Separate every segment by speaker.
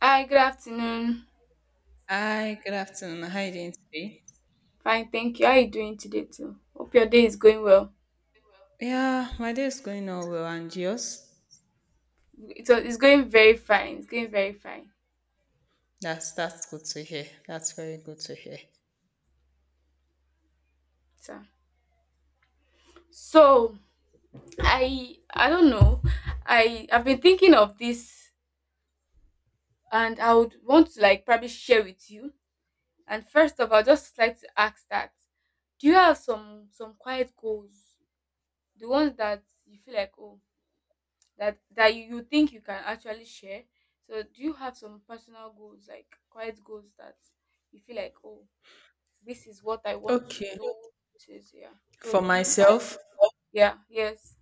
Speaker 1: Hi, good afternoon.
Speaker 2: Hi, good afternoon. How are you doing today?
Speaker 1: Fine, thank you. How are you doing today too? Hope your day is going well.
Speaker 2: Yeah, my day is going on well, and yours?
Speaker 1: It's going very fine. It's going very fine.
Speaker 2: That's good to hear. That's very good to hear.
Speaker 1: So, so, I don't know. I've been thinking of this, and I would want to like probably share with you. And first of all, I'd just like to ask that do you have some quiet goals? The ones that you feel like, oh, that you think you can actually share. So do you have some personal goals, like quiet goals, that you feel like, oh, this is what I want to
Speaker 2: Okay.
Speaker 1: do, this is... Yeah, so
Speaker 2: For
Speaker 1: do you kind...
Speaker 2: myself,
Speaker 1: Yeah, yes.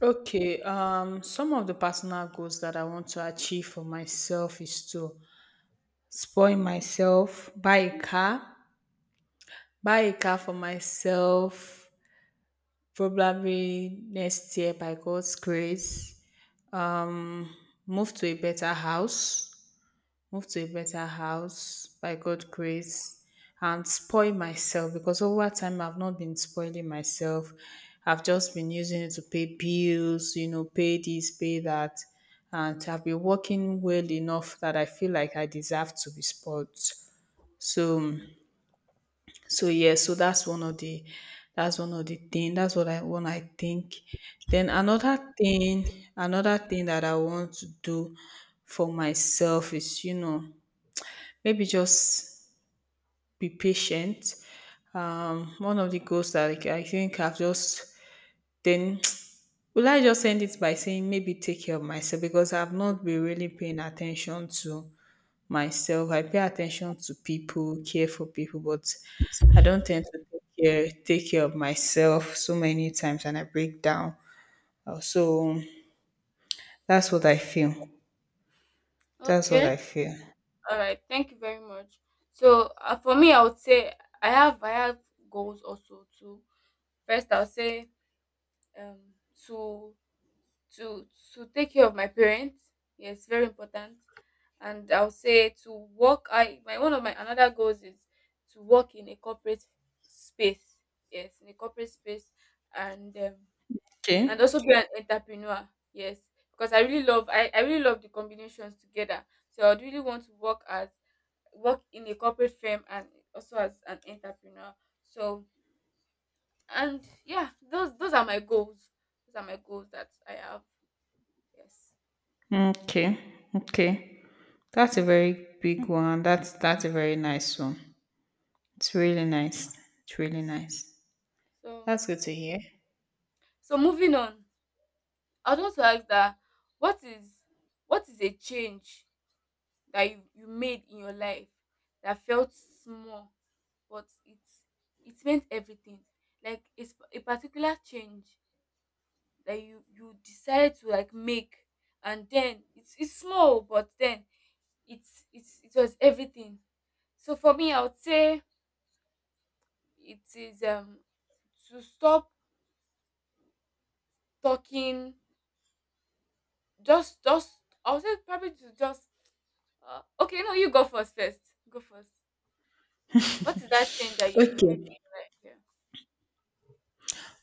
Speaker 2: okay, some of the personal goals that I want to achieve for myself is to spoil myself, buy a car for myself probably next year by God's grace. Um Move to a better house, move to a better house by God grace, and spoil myself, because over time I've not been spoiling myself. I've just been using it to pay bills, you know, pay this, pay that. And I've been working well enough that I feel like I deserve to be spoiled. So so yeah, so that's one of the that's one of the thing. That's what I one I think. Then another thing that I want to do for myself is, you know, maybe just be patient. One of the goals that, like, I think I've just then will I just end it by saying maybe take care of myself, because I've not been really paying attention to myself. I pay attention to people, care for people, but I don't tend to take care of myself so many times and I break down. So that's what I feel. That's what
Speaker 1: Okay,
Speaker 2: I feel.
Speaker 1: all right, thank you very much. So, for me, I would say I have goals also too. First I'll say, um to to to take care of my parents. Yes, very important. And I'll say to work. I my one of my another goals is to work in a corporate space. Yes, in a corporate space, and, and also
Speaker 2: Okay.
Speaker 1: be an entrepreneur. Yes, because I really love the combinations together. So I'd really want to work in a corporate firm and also as an entrepreneur. So and yeah, those are my goals. Those are my goals that I have. Yes.
Speaker 2: Okay. Okay. That's a very big one. That's a very nice one. It's really nice. It's really nice.
Speaker 1: So
Speaker 2: That's good to hear.
Speaker 1: so moving on, I would want to ask that what is what is a change that you made in your life that felt small, but it meant everything? Like, it's a particular change that you decided to like make, and then it's small, but then it was everything. So for me, I would say it is, to stop talking. Just I'll say probably to just... Okay, no, you go first. Go first. What is that change that you made
Speaker 2: Okay.
Speaker 1: me like? Yeah.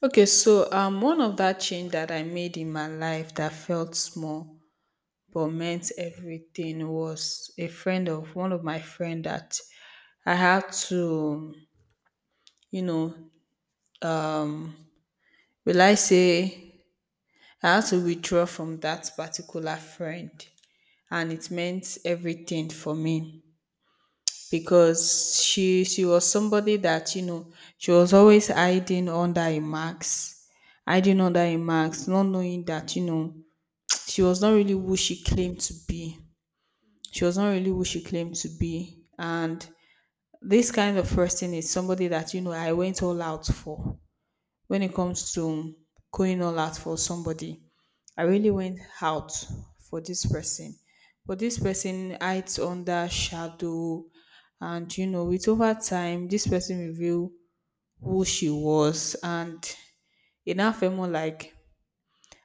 Speaker 2: Okay, so one of that change that I made in my life that felt small but meant everything was a friend of one of my friend that I had to, you know, will I say I had to withdraw from that particular friend, and it meant everything for me. Because she was somebody that, you know, she was always hiding under a mask, hiding under a mask, not knowing that, you know, she was not really who she claimed to be,
Speaker 1: Mm.
Speaker 2: she was not really who she claimed to be. And this kind of person is somebody that, you know, I went all out for. When it comes to going all out for somebody, I really went out for this person. But this person hides under shadow, and you know, with over time this person revealed who she was. And it now felt more like,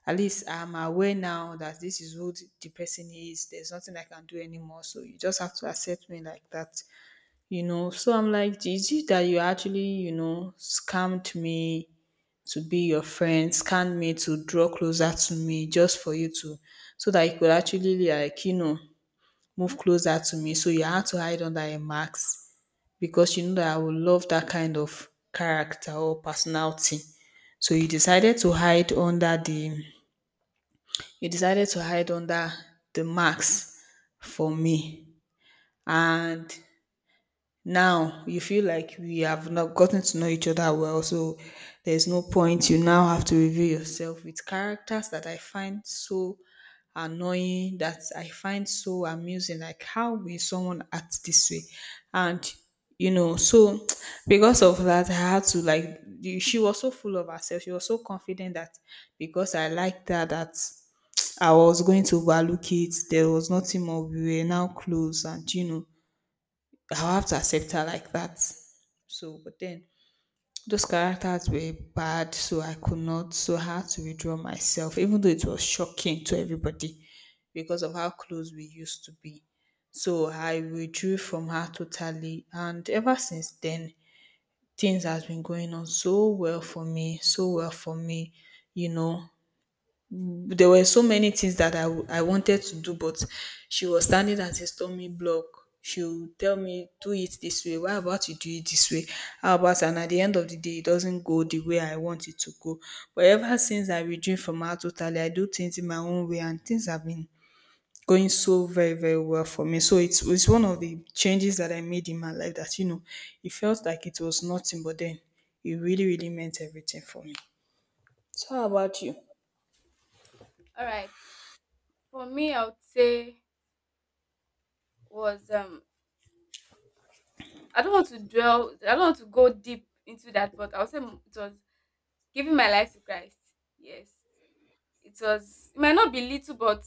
Speaker 2: at least I'm aware now that this is who the person is. There's nothing I can do anymore. So you just have to accept me like that. You know. So I'm like, is it that you actually, you know, scammed me to be your friend, scanned me to draw closer to me, just for you to, so that you could actually, like, you know, move closer to me. So you had to hide under a mask, because you know that I would love that kind of character or personality. So you decided to hide under the, you decided to hide under the mask for me. And now you feel like we have not gotten to know each other well, so there's no point, you now have to reveal yourself with characters that I find so annoying, that I find so amusing. Like, how will someone act this way? And you know, so because of that, I had to, like, she was so full of herself, she was so confident that because I liked her, that I was going to overlook it, there was nothing more, we were now close, and you know, I'll have to accept her like that. So, but then those characters were bad, so I could not, so I had to withdraw myself, even though it was shocking to everybody because of how close we used to be. So I withdrew from her totally, and ever since then, things has been going on so well for me, so well for me. You know, there were so many things that I wanted to do, but she was standing at a stomach block. She would tell me, do it this way. Why about you do it this way? How about, and at the end of the day, it doesn't go the way I want it to go. But ever since I withdrew from her totally, I do things in my own way, and things have been going so very, very well for me. So it's one of the changes that I made in my life that, you know, it felt like it was nothing, but then it really, really meant everything for me. So, how about you?
Speaker 1: All right. For me, I would say was, I don't want to dwell. I don't want to go deep into that, but I would say it was giving my life to Christ. Yes, it was. It might not be little, but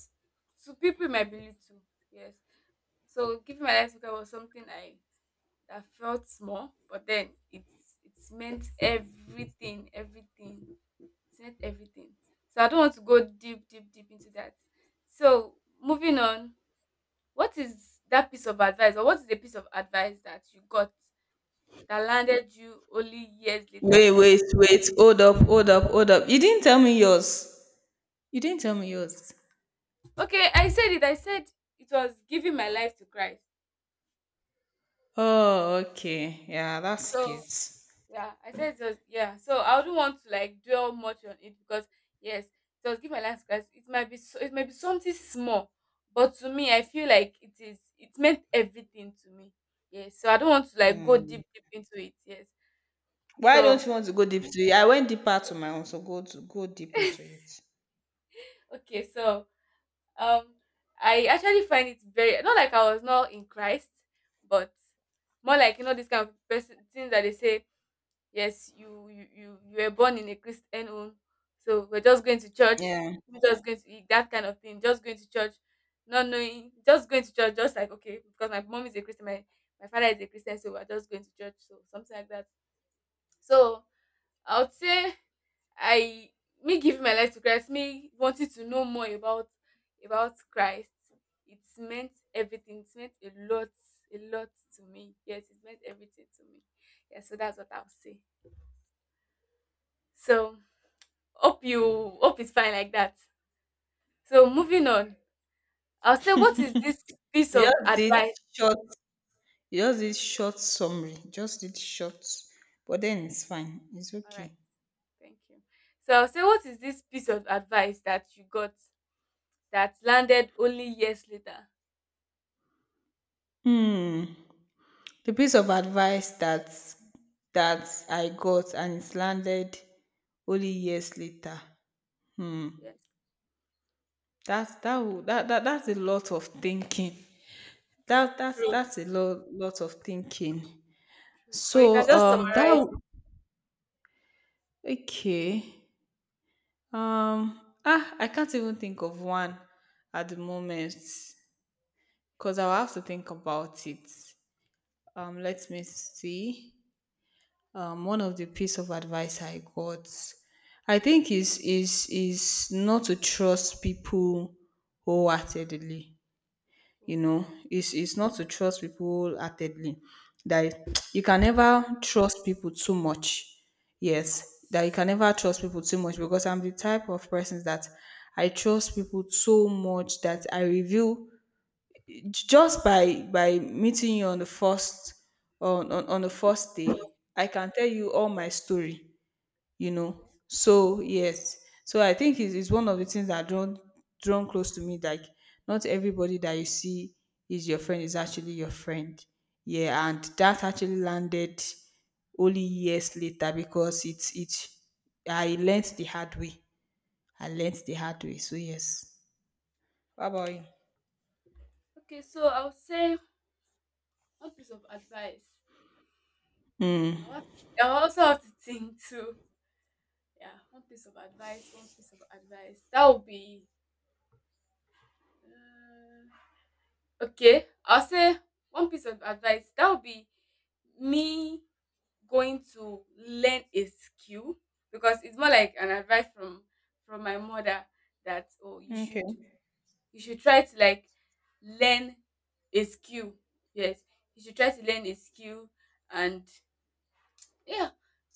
Speaker 1: to people it might be little. Yes. So giving my life to Christ was something I that felt small, but then it's meant everything, everything. It's meant everything. So I don't want to go deep, deep, deep into that. So moving on, what is that piece of advice, or what is the piece of advice that you got that landed you only years later?
Speaker 2: Wait, wait, wait. Hold up, hold up, hold up. You didn't tell me yours. You didn't tell me yours.
Speaker 1: Okay, I said it. I said it was giving my life to Christ.
Speaker 2: Oh, okay. Yeah, that's
Speaker 1: So,
Speaker 2: cute.
Speaker 1: yeah, I said it was, yeah. So I wouldn't want to like dwell much on it, because yes, it was give my life to... It might be so, it might be something small, but to me, I feel like it meant everything to me. Yes, so I don't want to like go deep into it. Yes,
Speaker 2: Why don't
Speaker 1: so
Speaker 2: you want to go deep to it? I went deeper to my own, so go to go deep into it.
Speaker 1: okay, so, um, I actually find it very not like I was not in Christ, but more like, you know, this kind of person things that they say. Yes, you were born in a Christian home, so we're just going to church.
Speaker 2: Yeah.
Speaker 1: We're just going to eat that kind of thing. Just going to church, not knowing, just going to church, just like, okay, because my mom is a Christian, my father is a Christian, so we're just going to church, so something like that. So I would say I me giving my life to Christ, me wanting to know more about Christ. It's meant everything. It's meant a lot to me. Yes, it meant everything to me. Yeah, so that's what I'll say. So hope it's fine like that. So moving on, I'll say what is this piece
Speaker 2: You
Speaker 1: of
Speaker 2: just did
Speaker 1: advice?
Speaker 2: short, you just did short summary. Just did short. But then it's fine. It's
Speaker 1: All right,
Speaker 2: okay.
Speaker 1: thank you. So I'll say what is this piece of advice that you got that landed only years later?
Speaker 2: Hmm. The piece of advice that that I got and it's landed only years later.
Speaker 1: Hmm,
Speaker 2: Hmm.
Speaker 1: yes,
Speaker 2: That's that would that, that that's a lot of thinking. That that's
Speaker 1: true,
Speaker 2: that's a lot of thinking.
Speaker 1: true. But you can
Speaker 2: So
Speaker 1: just
Speaker 2: that
Speaker 1: summarize it.
Speaker 2: okay. I can't even think of one at the moment, because I'll have to think about it. Let me see. One of the piece of advice I got, I think, is is not to trust people wholeheartedly, you know,
Speaker 1: Okay,
Speaker 2: it's not to trust people wholeheartedly. That you can never trust people too much. Yes, that you can never trust people too much, because I'm the type of person that I trust people so much that I reveal just by meeting you on the first, on on the first day, I can tell you all my story, you know.
Speaker 1: okay,
Speaker 2: So yes, so I think it's one of the things that drawn, drawn close to me. Like, not everybody that you see is your friend is actually your friend. Yeah, and that actually landed only years later because it's it. I learned the hard way. I learned the hard way. So yes. How about you?
Speaker 1: okay. So I'll say one piece of advice. Hmm, I'll also have to think too. Yeah, one piece of advice. One piece of advice. That would be. Uh, Okay, I'll say one piece of advice that would be me going to learn a skill, because it's more like an advice from my mother, that, oh,
Speaker 2: Okay.
Speaker 1: you should try to like learn a skill. Yes, you should try to learn a skill. And yeah,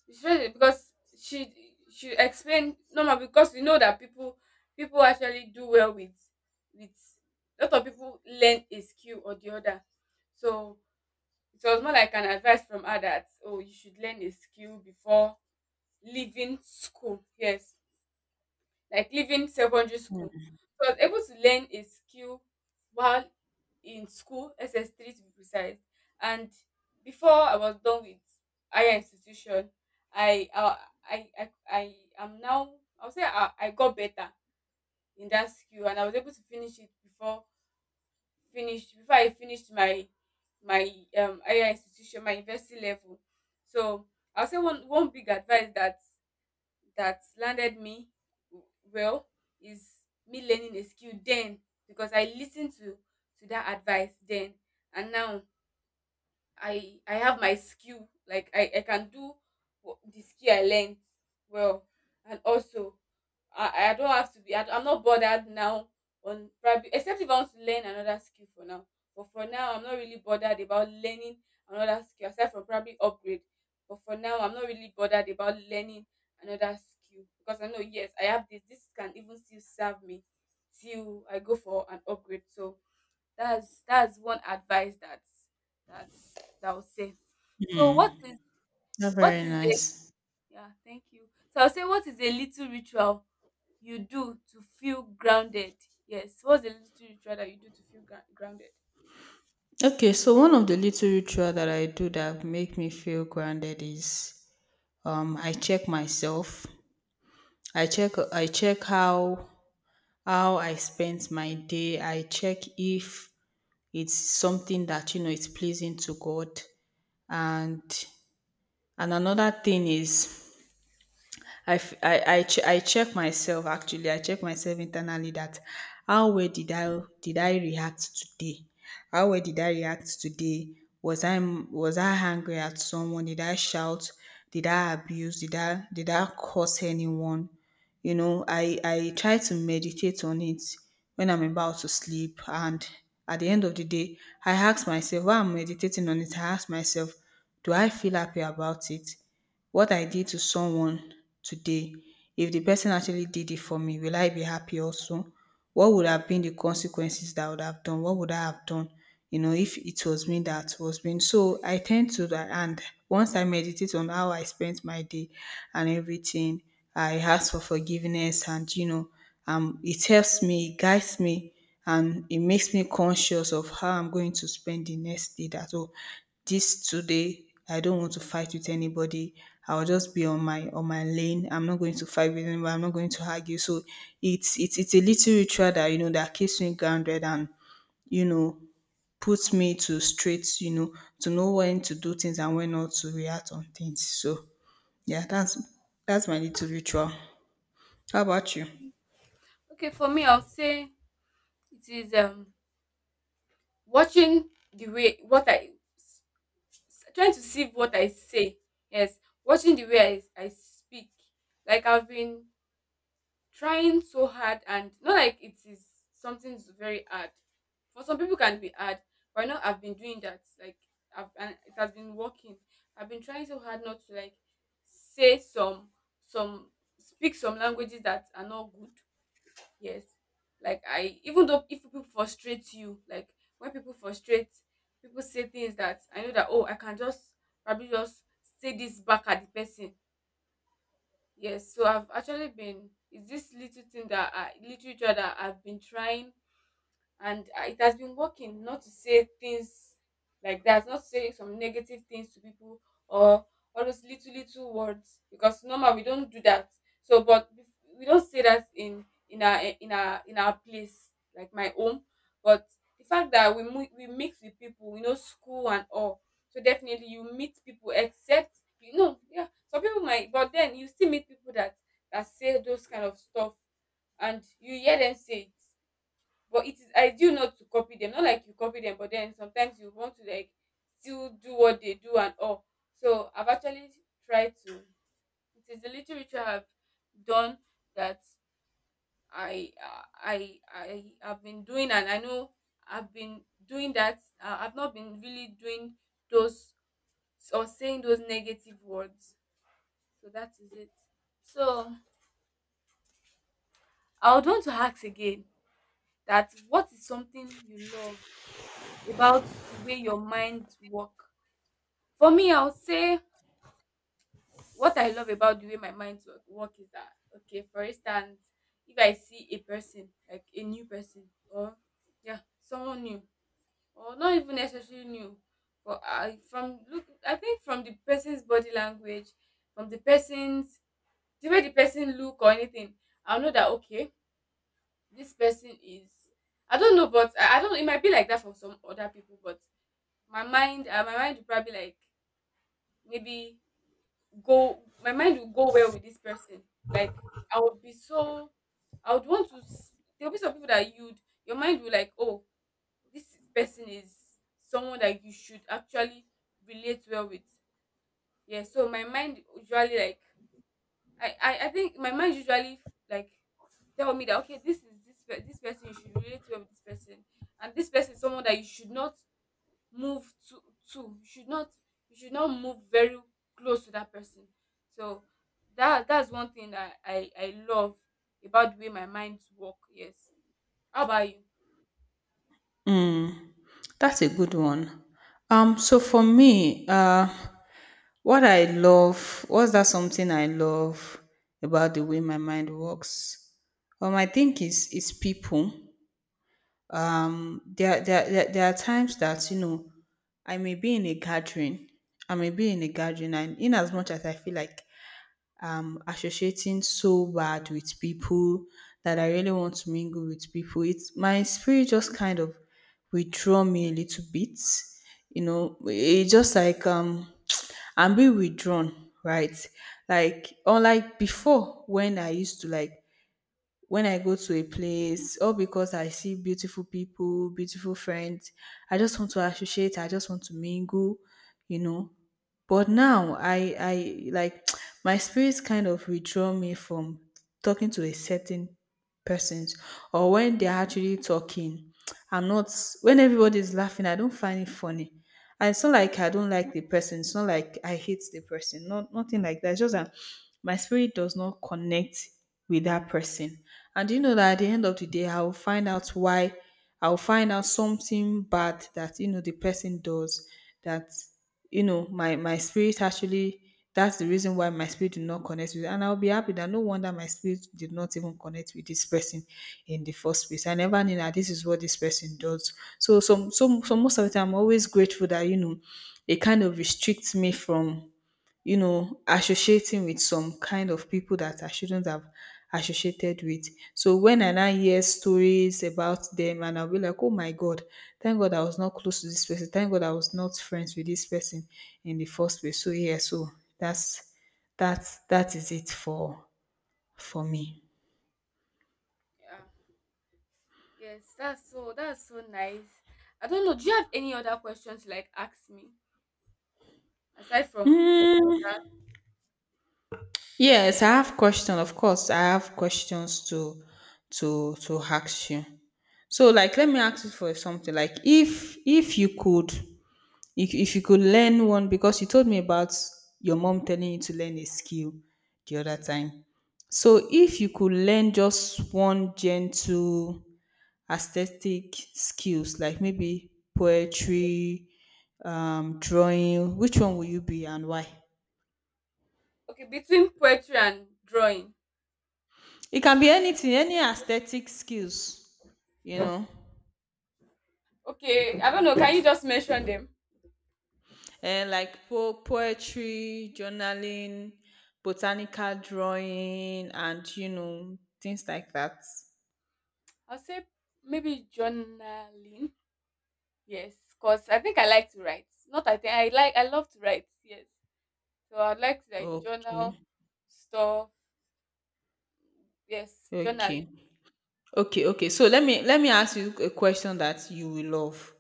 Speaker 1: she said it because she explained normal, because you know that people actually do well with with lot of people learn a skill or the other. So it was more like an advice from her that, oh, you should learn a skill before leaving school, yes, like leaving secondary school. So I was able to learn a skill while in school, SS3 to be precise. And before I was done with higher institution, I I I am now. I would say I got better in that skill, and I was able to finish it before finish before I finished my higher institution, my university level. So I'll say one big advice that landed me w- well is me learning a skill then, because I listened to that advice then, and now I have my skill. Like I can do the skill I learned well. And also I don't have to be. I'm not bothered now on probably, except if I want to learn another skill for now. But for now, I'm not really bothered about learning another skill aside from probably upgrade. But for now, I'm not really bothered about learning another skill, because I know, yes, I have this. This can even still serve me till I go for an upgrade. So that's one advice that that that I will say. So
Speaker 2: That's
Speaker 1: what
Speaker 2: very
Speaker 1: is a...
Speaker 2: nice.
Speaker 1: Yeah, thank you. So I'll say, what is a little ritual you do to feel grounded? Yes, what's a little ritual that you do to feel grounded?
Speaker 2: Okay, so one of the little ritual that I do that make me feel grounded is, I check myself, I check, I check how I spent my day. I check if it's something that, you know, is pleasing to God. And and another thing is, I check myself actually. I check myself internally that how well did I, did I react today? How well did I react today? Was I, was I angry at someone? Did I shout? Did I abuse? Did I, did I curse anyone? You know, I try to meditate on it when I'm about to sleep, and at the end of the day, I ask myself while I'm meditating on it. I ask myself, do I feel happy about it? What I did to someone today, if the person actually did it for me, will I be happy also? What would have been the consequences that I would have done? What would I have done? You know, if it was me that was being, so I tend to that. And once I meditate on how I spent my day and everything, I ask for forgiveness, and you know, it helps me, it guides me, and it makes me conscious of how I'm going to spend the next day. That oh, this today I don't want to fight with anybody. I'll just be on my lane. I'm not going to fight with anybody. I'm not going to argue. So it's it's a little ritual that, you know, that keeps me grounded, and you know, puts me to straight. You know, to know when to do things and when not to react on things. So yeah, that's my little ritual. How about you?
Speaker 1: Okay, for me I'll say it is, watching the way what I s- s- trying to sieve what I say. Yes, watching the way I speak. Like, I've been trying so hard, and not like it is something is very hard. For some people it can be hard, but I know I've been doing that. Like, I've and it has been working. I've been trying so hard not to like say some some languages that are not good. Yes. Like, I, even though if people frustrate you, like when people frustrate, people say things that I know that, oh, I can just probably just say this back at the person. Yes, so I've actually been it's this little thing that I literature that I've been trying, and it has been working, not to say things like that, not to say some negative things to people, or all those little little words, because normal we don't do that. So, but we don't say that in our, in our place, like my home. But the fact that we mix with people, we know school and all, so definitely you meet people, except you know, yeah, some people might, but then you still meet people that say those kind of stuff, and you hear them say it, but it is ideal not to copy them, not like you copy them, but then sometimes you want to like still do what they do and all. So I've actually tried to it is a little ritual I've done, that I have been doing, and I know I've been doing that. I've not been really doing those or saying those negative words. So that is it. So I would want to ask again, that what is something you love about the way your mind work? For me, I would say what I love about the way my mind work is that, okay, for instance, if I see a person, like a new person, or yeah, someone new, or not even necessarily new, but I from look, I think from the person's body language, from the way the person look or anything, I'll know that okay, this person is. I don't know, but I don't. It might be like that for some other people, but my mind will probably, like, maybe go my mind will go well with this person. Like, I would be so I would want to s- there'll be some people that you'd your mind will, like, oh, this person is someone that you should actually relate well with. Yeah, so my mind usually like I think my mind usually, like, tell me that, okay, this is this pe- this person you should relate well with this person. And this person is someone that you should not move too too you should not move very close to that person. So that's one thing that I love about the way my minds work. Yes. How about you?
Speaker 2: That's a good one. So for me, what I love, what's that something I love about the way my mind works? I think is people. There are times that, you know, I may be in a gathering, I may be in a gathering, and in as much as I feel like associating so bad with people, that I really want to mingle with people, it's my spirit just kind of withdraw me a little bit. You know, it just like I'm being withdrawn, right? Like, unlike before, when I used to like, when I go to a place, all because I see beautiful people, beautiful friends, I just want to associate, I just want to mingle, you know. But now I like my spirits kind of withdraw me from talking to a certain persons, or when they're actually talking. I'm not when everybody's laughing, I don't find it funny. And it's not like I don't like the person. It's not like I hate the person. Not nothing like that. It's just that my spirit does not connect with that person. And you know that at the end of the day, I will find out why. I will find out something bad that you know the person does that you know my spirit actually, that's the reason why my spirit did not connect with, and I'll be happy that no wonder my spirit did not even connect with this person in the first place. I never knew that this is what this person does. So most of the time I'm always grateful that you know it kind of restricts me from associating with some kind of people that I shouldn't have associated with. So when I now hear stories about them, and I'll be like, oh my God, thank God I was not close to this person. Thank God I was not friends with this person in the first place. So yeah, so that's that is it for me.
Speaker 1: Yeah. Yes, that's so nice. I don't know, do you have any other questions you like ask me aside from.
Speaker 2: Mm, yes, I have question. Of course, I have questions to to ask you. So like, let me ask you for something like, if you could, if you could learn one, because you told me about your mom telling you to learn a skill the other
Speaker 1: Okay.
Speaker 2: time. So if you could learn just one gentle aesthetic skills, like maybe poetry, drawing, which one will you be and why?
Speaker 1: Okay, between poetry and drawing.
Speaker 2: It can be anything, any aesthetic skills, you know,
Speaker 1: Okay, I don't know, can you just mention them.
Speaker 2: and like poetry, journaling, botanical drawing, and things like that.
Speaker 1: I'll say maybe journaling. Yes, because I think I like to write. Not I think I like I love to write. Yes, so I'd like to, like, journal
Speaker 2: Okay,
Speaker 1: stuff. Yes,
Speaker 2: okay,
Speaker 1: journaling.
Speaker 2: okay, okay. So let me ask you a question that you will love.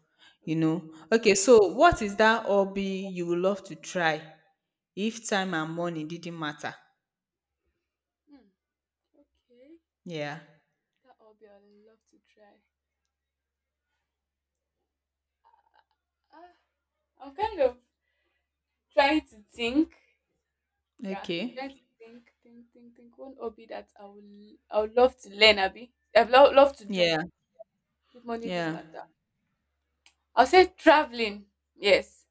Speaker 1: Okay.
Speaker 2: Okay. So what is that hobby you will love to try if time and money didn't matter?
Speaker 1: Hmm. Okay,
Speaker 2: Yeah.
Speaker 1: that will be, I'd love to try. Ah, I'm kind of trying to think. Yeah,
Speaker 2: Okay.
Speaker 1: trying to think, think. One hobby that I would love to learn. Abby, I'd love to do.
Speaker 2: Yeah.
Speaker 1: If money did
Speaker 2: Yeah.
Speaker 1: matter, I'll say traveling. Yes,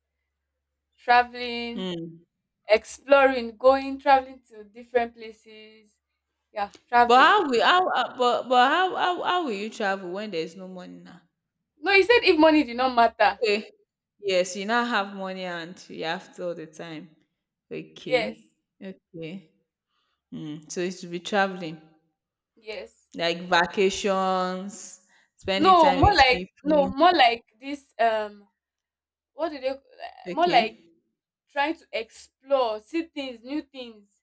Speaker 1: traveling,
Speaker 2: Mm.
Speaker 1: exploring, going, traveling to different places. Yeah,
Speaker 2: But
Speaker 1: traveling.
Speaker 2: how will you travel when there is no money now?
Speaker 1: No, you said if money did not matter.
Speaker 2: Okay. Yes, you now have money and you have all the time.
Speaker 1: Yes,
Speaker 2: Okay. Okay. Mm. So it should be traveling.
Speaker 1: yes.
Speaker 2: Like vacations, spending
Speaker 1: no
Speaker 2: time
Speaker 1: more
Speaker 2: with
Speaker 1: like no
Speaker 2: people.
Speaker 1: more like this, what do they more like
Speaker 2: Okay.
Speaker 1: trying to explore, see things, new things.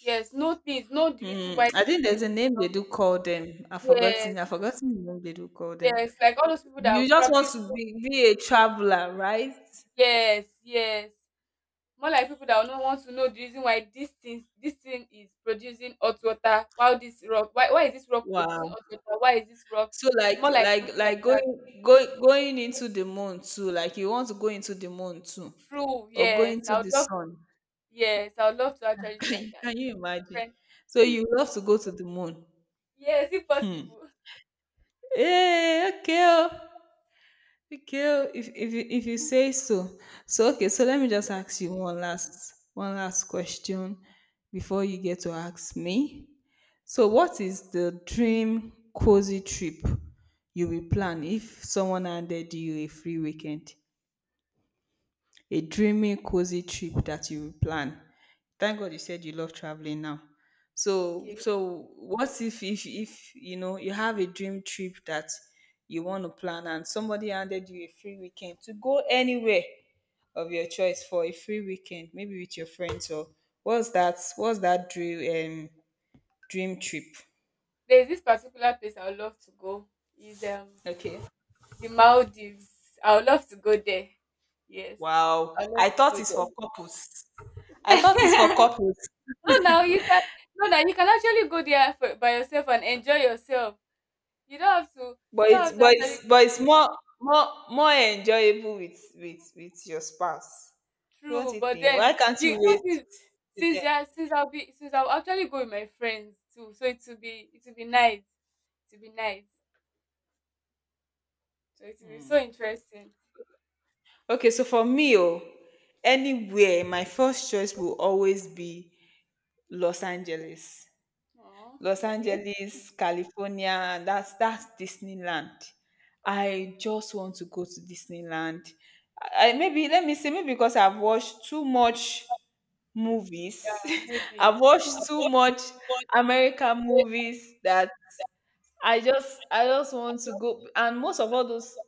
Speaker 1: Yes, no things, no, the reason
Speaker 2: Mm,
Speaker 1: why
Speaker 2: I
Speaker 1: this
Speaker 2: think
Speaker 1: thing
Speaker 2: there's a
Speaker 1: is.
Speaker 2: name they do call them. I've
Speaker 1: Yes,
Speaker 2: forgotten. I've forgotten the name they do call them.
Speaker 1: yes, like all those people that
Speaker 2: You
Speaker 1: are
Speaker 2: just want
Speaker 1: probably.
Speaker 2: to be a traveler, right?
Speaker 1: Yes, yes, more like people that will not want to know the reason why this thing is producing hot water, while this rock, why is this rock producing
Speaker 2: Wow.
Speaker 1: hot water. Why is this rock?
Speaker 2: So
Speaker 1: More
Speaker 2: like
Speaker 1: like
Speaker 2: like
Speaker 1: something like
Speaker 2: like
Speaker 1: that.
Speaker 2: going into the moon too. Like you want to go into the moon too,
Speaker 1: True.
Speaker 2: or go
Speaker 1: Yes,
Speaker 2: into
Speaker 1: I would
Speaker 2: the
Speaker 1: love.
Speaker 2: sun.
Speaker 1: Yes, I would love to actually try that.
Speaker 2: Can you imagine?
Speaker 1: Different.
Speaker 2: So you love to go to the moon.
Speaker 1: Yes, if possible.
Speaker 2: Hey, okay. Oh. Okay, oh, if you say so. So okay, so let me just ask you one last question before you get to ask me. So what is the dream cozy trip you will plan if someone handed you a free weekend? A dreamy, cozy trip that you plan. Thank God you said you love traveling now. So,
Speaker 1: Okay,
Speaker 2: so what if you have a dream trip that you want to plan, and somebody handed you a free weekend to go anywhere of your choice for a free weekend, maybe with your friends? Or what's that? What's that dream dream trip?
Speaker 1: there's this particular place I would love to go, is
Speaker 2: Okay.
Speaker 1: the Maldives. I would love to go there. Yes,
Speaker 2: Wow.
Speaker 1: I would love
Speaker 2: I
Speaker 1: to
Speaker 2: thought
Speaker 1: go
Speaker 2: it's
Speaker 1: there.
Speaker 2: for couples. I thought it's for couples.
Speaker 1: no now you can no now you can actually go there for, by yourself, and enjoy yourself. You don't have to you
Speaker 2: But
Speaker 1: don't
Speaker 2: it's
Speaker 1: have to
Speaker 2: but
Speaker 1: actually
Speaker 2: it's but
Speaker 1: go
Speaker 2: it's more enjoyable with your spouse. Don't
Speaker 1: through.
Speaker 2: you
Speaker 1: But
Speaker 2: think? Why
Speaker 1: then,
Speaker 2: can't you wait till then?
Speaker 1: since yeah, since I'll be since I'll actually go with my friends too. So it will be nice. It will be nice. So it will be so interesting.
Speaker 2: Okay, so for me, oh, anywhere, my first choice will always be Los Angeles.
Speaker 1: Oh,
Speaker 2: Los
Speaker 1: okay.
Speaker 2: Angeles, California, that's Disneyland.
Speaker 1: Oh,
Speaker 2: I just want to go to Disneyland. Maybe let me see, maybe because I've watched too much movies.
Speaker 1: maybe.
Speaker 2: I've watched
Speaker 1: Mm,
Speaker 2: too much American
Speaker 1: yeah.
Speaker 2: movies, that I just want to go, and most of all those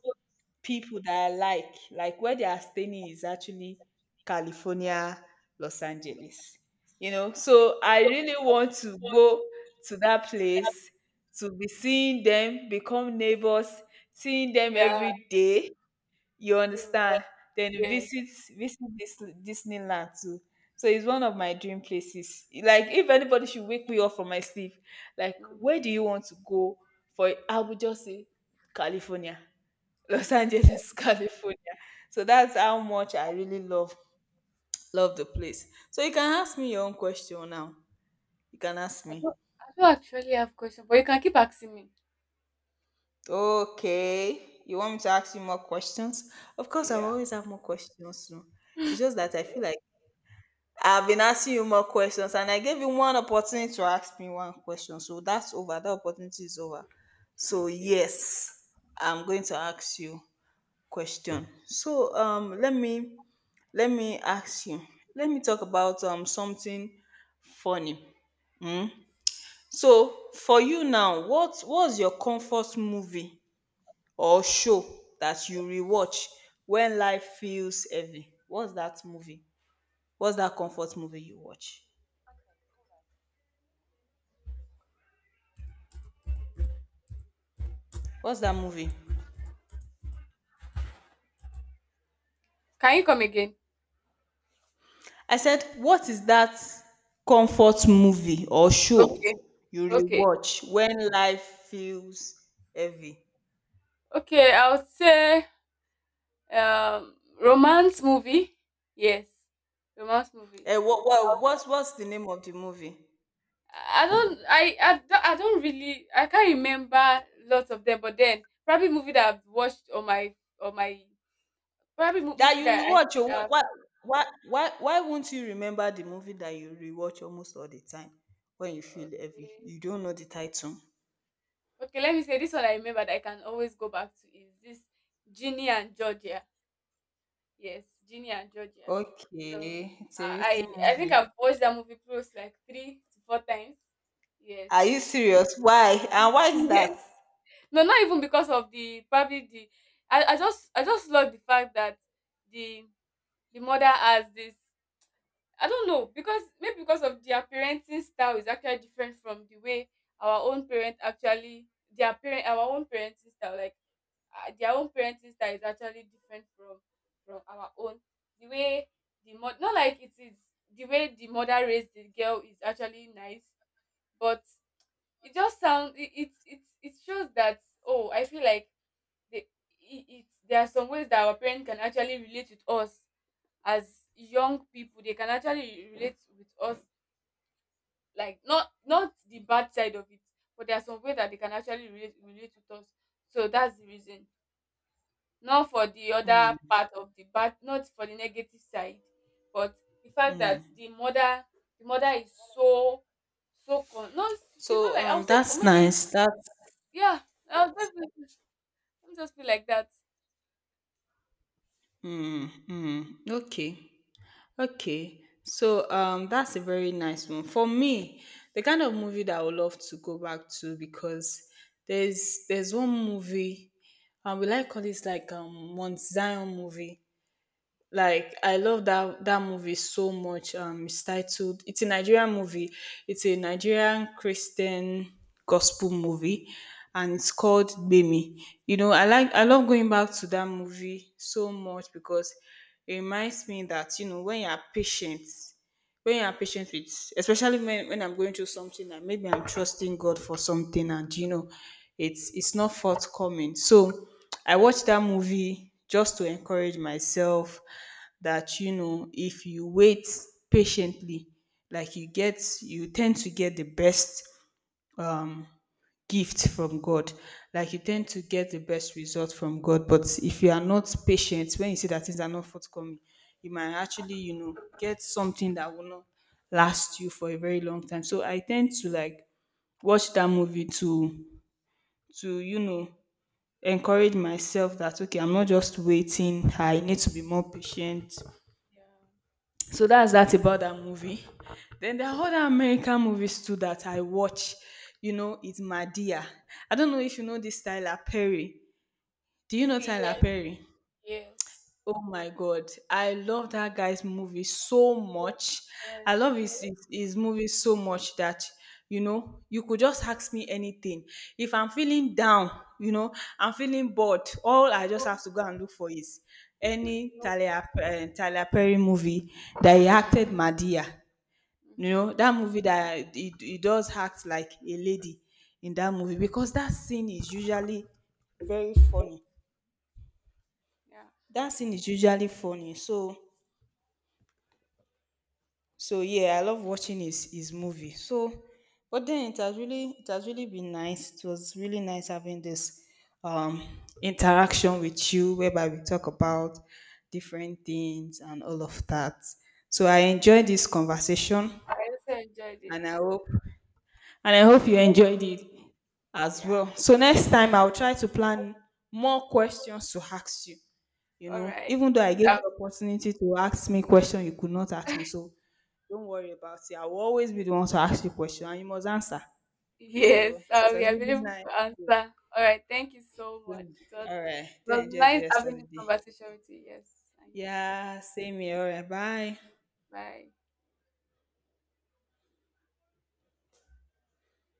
Speaker 2: people that I like where they are staying is actually California, Los Angeles. You know, so I really want to go to that place, to be seeing them, become neighbors, seeing them
Speaker 1: Yeah.
Speaker 2: every day. You
Speaker 1: True.
Speaker 2: understand? Then
Speaker 1: Yes.
Speaker 2: visit this Disneyland too. So it's one of my dream places. Like if anybody should wake me up from my sleep, like where
Speaker 1: Mhm.
Speaker 2: do you want to go? For, I would just say California. Los Angeles, California. So that's how much I really love the place. So you can ask me your own question now. You can ask
Speaker 1: I
Speaker 2: me.
Speaker 1: don't I don't actually have questions, but you can keep asking me.
Speaker 2: Okay. You want me to ask you more questions? Of course, I
Speaker 1: Yeah.
Speaker 2: always have more questions. No? It's just that I
Speaker 1: Okay.
Speaker 2: feel like I've been asking you more questions, and I gave you one opportunity to ask me one question. So that's over. That opportunity is over. So
Speaker 1: Okay.
Speaker 2: yes, I'm going to ask you question. So let me ask you. Let me talk about something funny. Mm. So for you now, what's your comfort movie or show that you rewatch when life feels heavy? What's that movie? What's that comfort movie you watch? What's that movie?
Speaker 1: Can you come again?
Speaker 2: I said, what is that comfort movie or show
Speaker 1: Okay.
Speaker 2: you
Speaker 1: Okay.
Speaker 2: rewatch when life feels heavy?
Speaker 1: Okay, I would say um romance movie. Yes. Romance movie.
Speaker 2: Eh, what's the name of the movie
Speaker 1: I don't really I can't remember lots of them, but then probably movie that I've watched on my,
Speaker 2: that
Speaker 1: movie
Speaker 2: you
Speaker 1: that I
Speaker 2: rewatch?
Speaker 1: see,
Speaker 2: oh, Why, why, why, why won't you remember the movie that you rewatch almost all the time when you feel heavy?
Speaker 1: okay.
Speaker 2: You don't know the title.
Speaker 1: Okay, let me say, this one I remember that I can always go back to is this, Ginny and Georgia. Yes, Ginny and Georgia. So
Speaker 2: Okay, it's a
Speaker 1: I
Speaker 2: recent
Speaker 1: I I think I've
Speaker 2: movie.
Speaker 1: watched that movie close, like, three to four times. Yes.
Speaker 2: Are you serious? Why? And why is
Speaker 1: Yes.
Speaker 2: that?
Speaker 1: No, not even because of the, probably the, I just love the fact that the the mother has this, I don't know, because maybe because of their parenting style is actually different from the way our own parent actually, their parent, our own parenting style, like, their own parenting style is actually different from our own, the way, the mod, not like it is, the way the mother raised the girl is actually nice, but it just sounds it it it, it shows that, oh, I feel like they it, it there are some ways that our parent can actually relate with us as young people, they can actually relate with us, like, not the bad side of it, but there are some way that they can actually relate with us. So that's the reason, not for the other
Speaker 2: Mm,
Speaker 1: part of the bad, not for the negative side, but the fact that
Speaker 2: mm.
Speaker 1: the mother, the mother is so, so con, no, she's not,
Speaker 2: So
Speaker 1: like, I'll say, con
Speaker 2: that's
Speaker 1: maybe.
Speaker 2: nice. That's
Speaker 1: Yeah, i'll just be, I'll just be like that.
Speaker 2: mm, mm. Okay. Okay, so that's a very nice one. For me, the kind of movie that I would love to go back to, because there's one movie, we like call this like Mount Zion movie. Like I love that movie so much. It's titled. It's a Nigerian movie. It's a Nigerian Christian gospel movie, and it's called Bemi. You know, I like. I love going back to that movie so much because it reminds me that when you are patient, with, especially when I'm going through something and maybe I'm trusting God for something, and it's not forthcoming. So I watched that movie just to encourage myself that if you wait patiently, like you tend to get the best um gift from God. Like you tend to get the best result from God, but if you are not patient, when you see that things are not forthcoming, you might actually, get something that will not last you for a very long time. So I tend to like watch that movie to to you know encourage myself that okay, I'm not just waiting. I need to be more patient.
Speaker 1: Yeah.
Speaker 2: So that's that about that movie. Then there are other American movies too that I watch. You know, it's Madia. I don't know if you know this Tyler Perry. Do you know
Speaker 1: Okay.
Speaker 2: Tyler
Speaker 1: Yes,
Speaker 2: Perry?
Speaker 1: yes,
Speaker 2: Oh my God. I love that guy's movie so much.
Speaker 1: yes,
Speaker 2: I love
Speaker 1: yes.
Speaker 2: his movie so much that, you could just ask me anything. If I'm feeling down, you know, I'm feeling bored, all I just
Speaker 1: Mhm.
Speaker 2: have to go and look for is any Tyler Perry movie that he acted Madia. You
Speaker 1: Mhm.
Speaker 2: know, that movie that he does act like a lady, in that movie, because that scene is usually very funny.
Speaker 1: Yeah.
Speaker 2: That scene is usually funny. So yeah, I love watching his movie. So but then, it has really been nice. It was really nice having this um interaction with you, whereby we talk about different things and all of that. So I enjoyed this conversation,
Speaker 1: I also enjoyed it.
Speaker 2: and I hope you enjoyed it as
Speaker 1: Yeah.
Speaker 2: well. So next time I'll try to plan more questions to ask you. You
Speaker 1: All
Speaker 2: know,
Speaker 1: right.
Speaker 2: even though I gave you
Speaker 1: Um,
Speaker 2: opportunity to ask me question, you could not ask me, so don't worry about it. I will always be the one to ask you question, and you must answer. So
Speaker 1: yes,
Speaker 2: it
Speaker 1: we
Speaker 2: was
Speaker 1: have
Speaker 2: really
Speaker 1: been able
Speaker 2: nice.
Speaker 1: to answer. All right. Thank you so much.
Speaker 2: Um,
Speaker 1: It was,
Speaker 2: All right,
Speaker 1: it
Speaker 2: do
Speaker 1: was
Speaker 2: enjoy the
Speaker 1: nice
Speaker 2: rest of
Speaker 1: having
Speaker 2: the
Speaker 1: this
Speaker 2: day.
Speaker 1: conversation with you. Yes. I you too.
Speaker 2: Yeah, same here. All right, bye.
Speaker 1: Bye.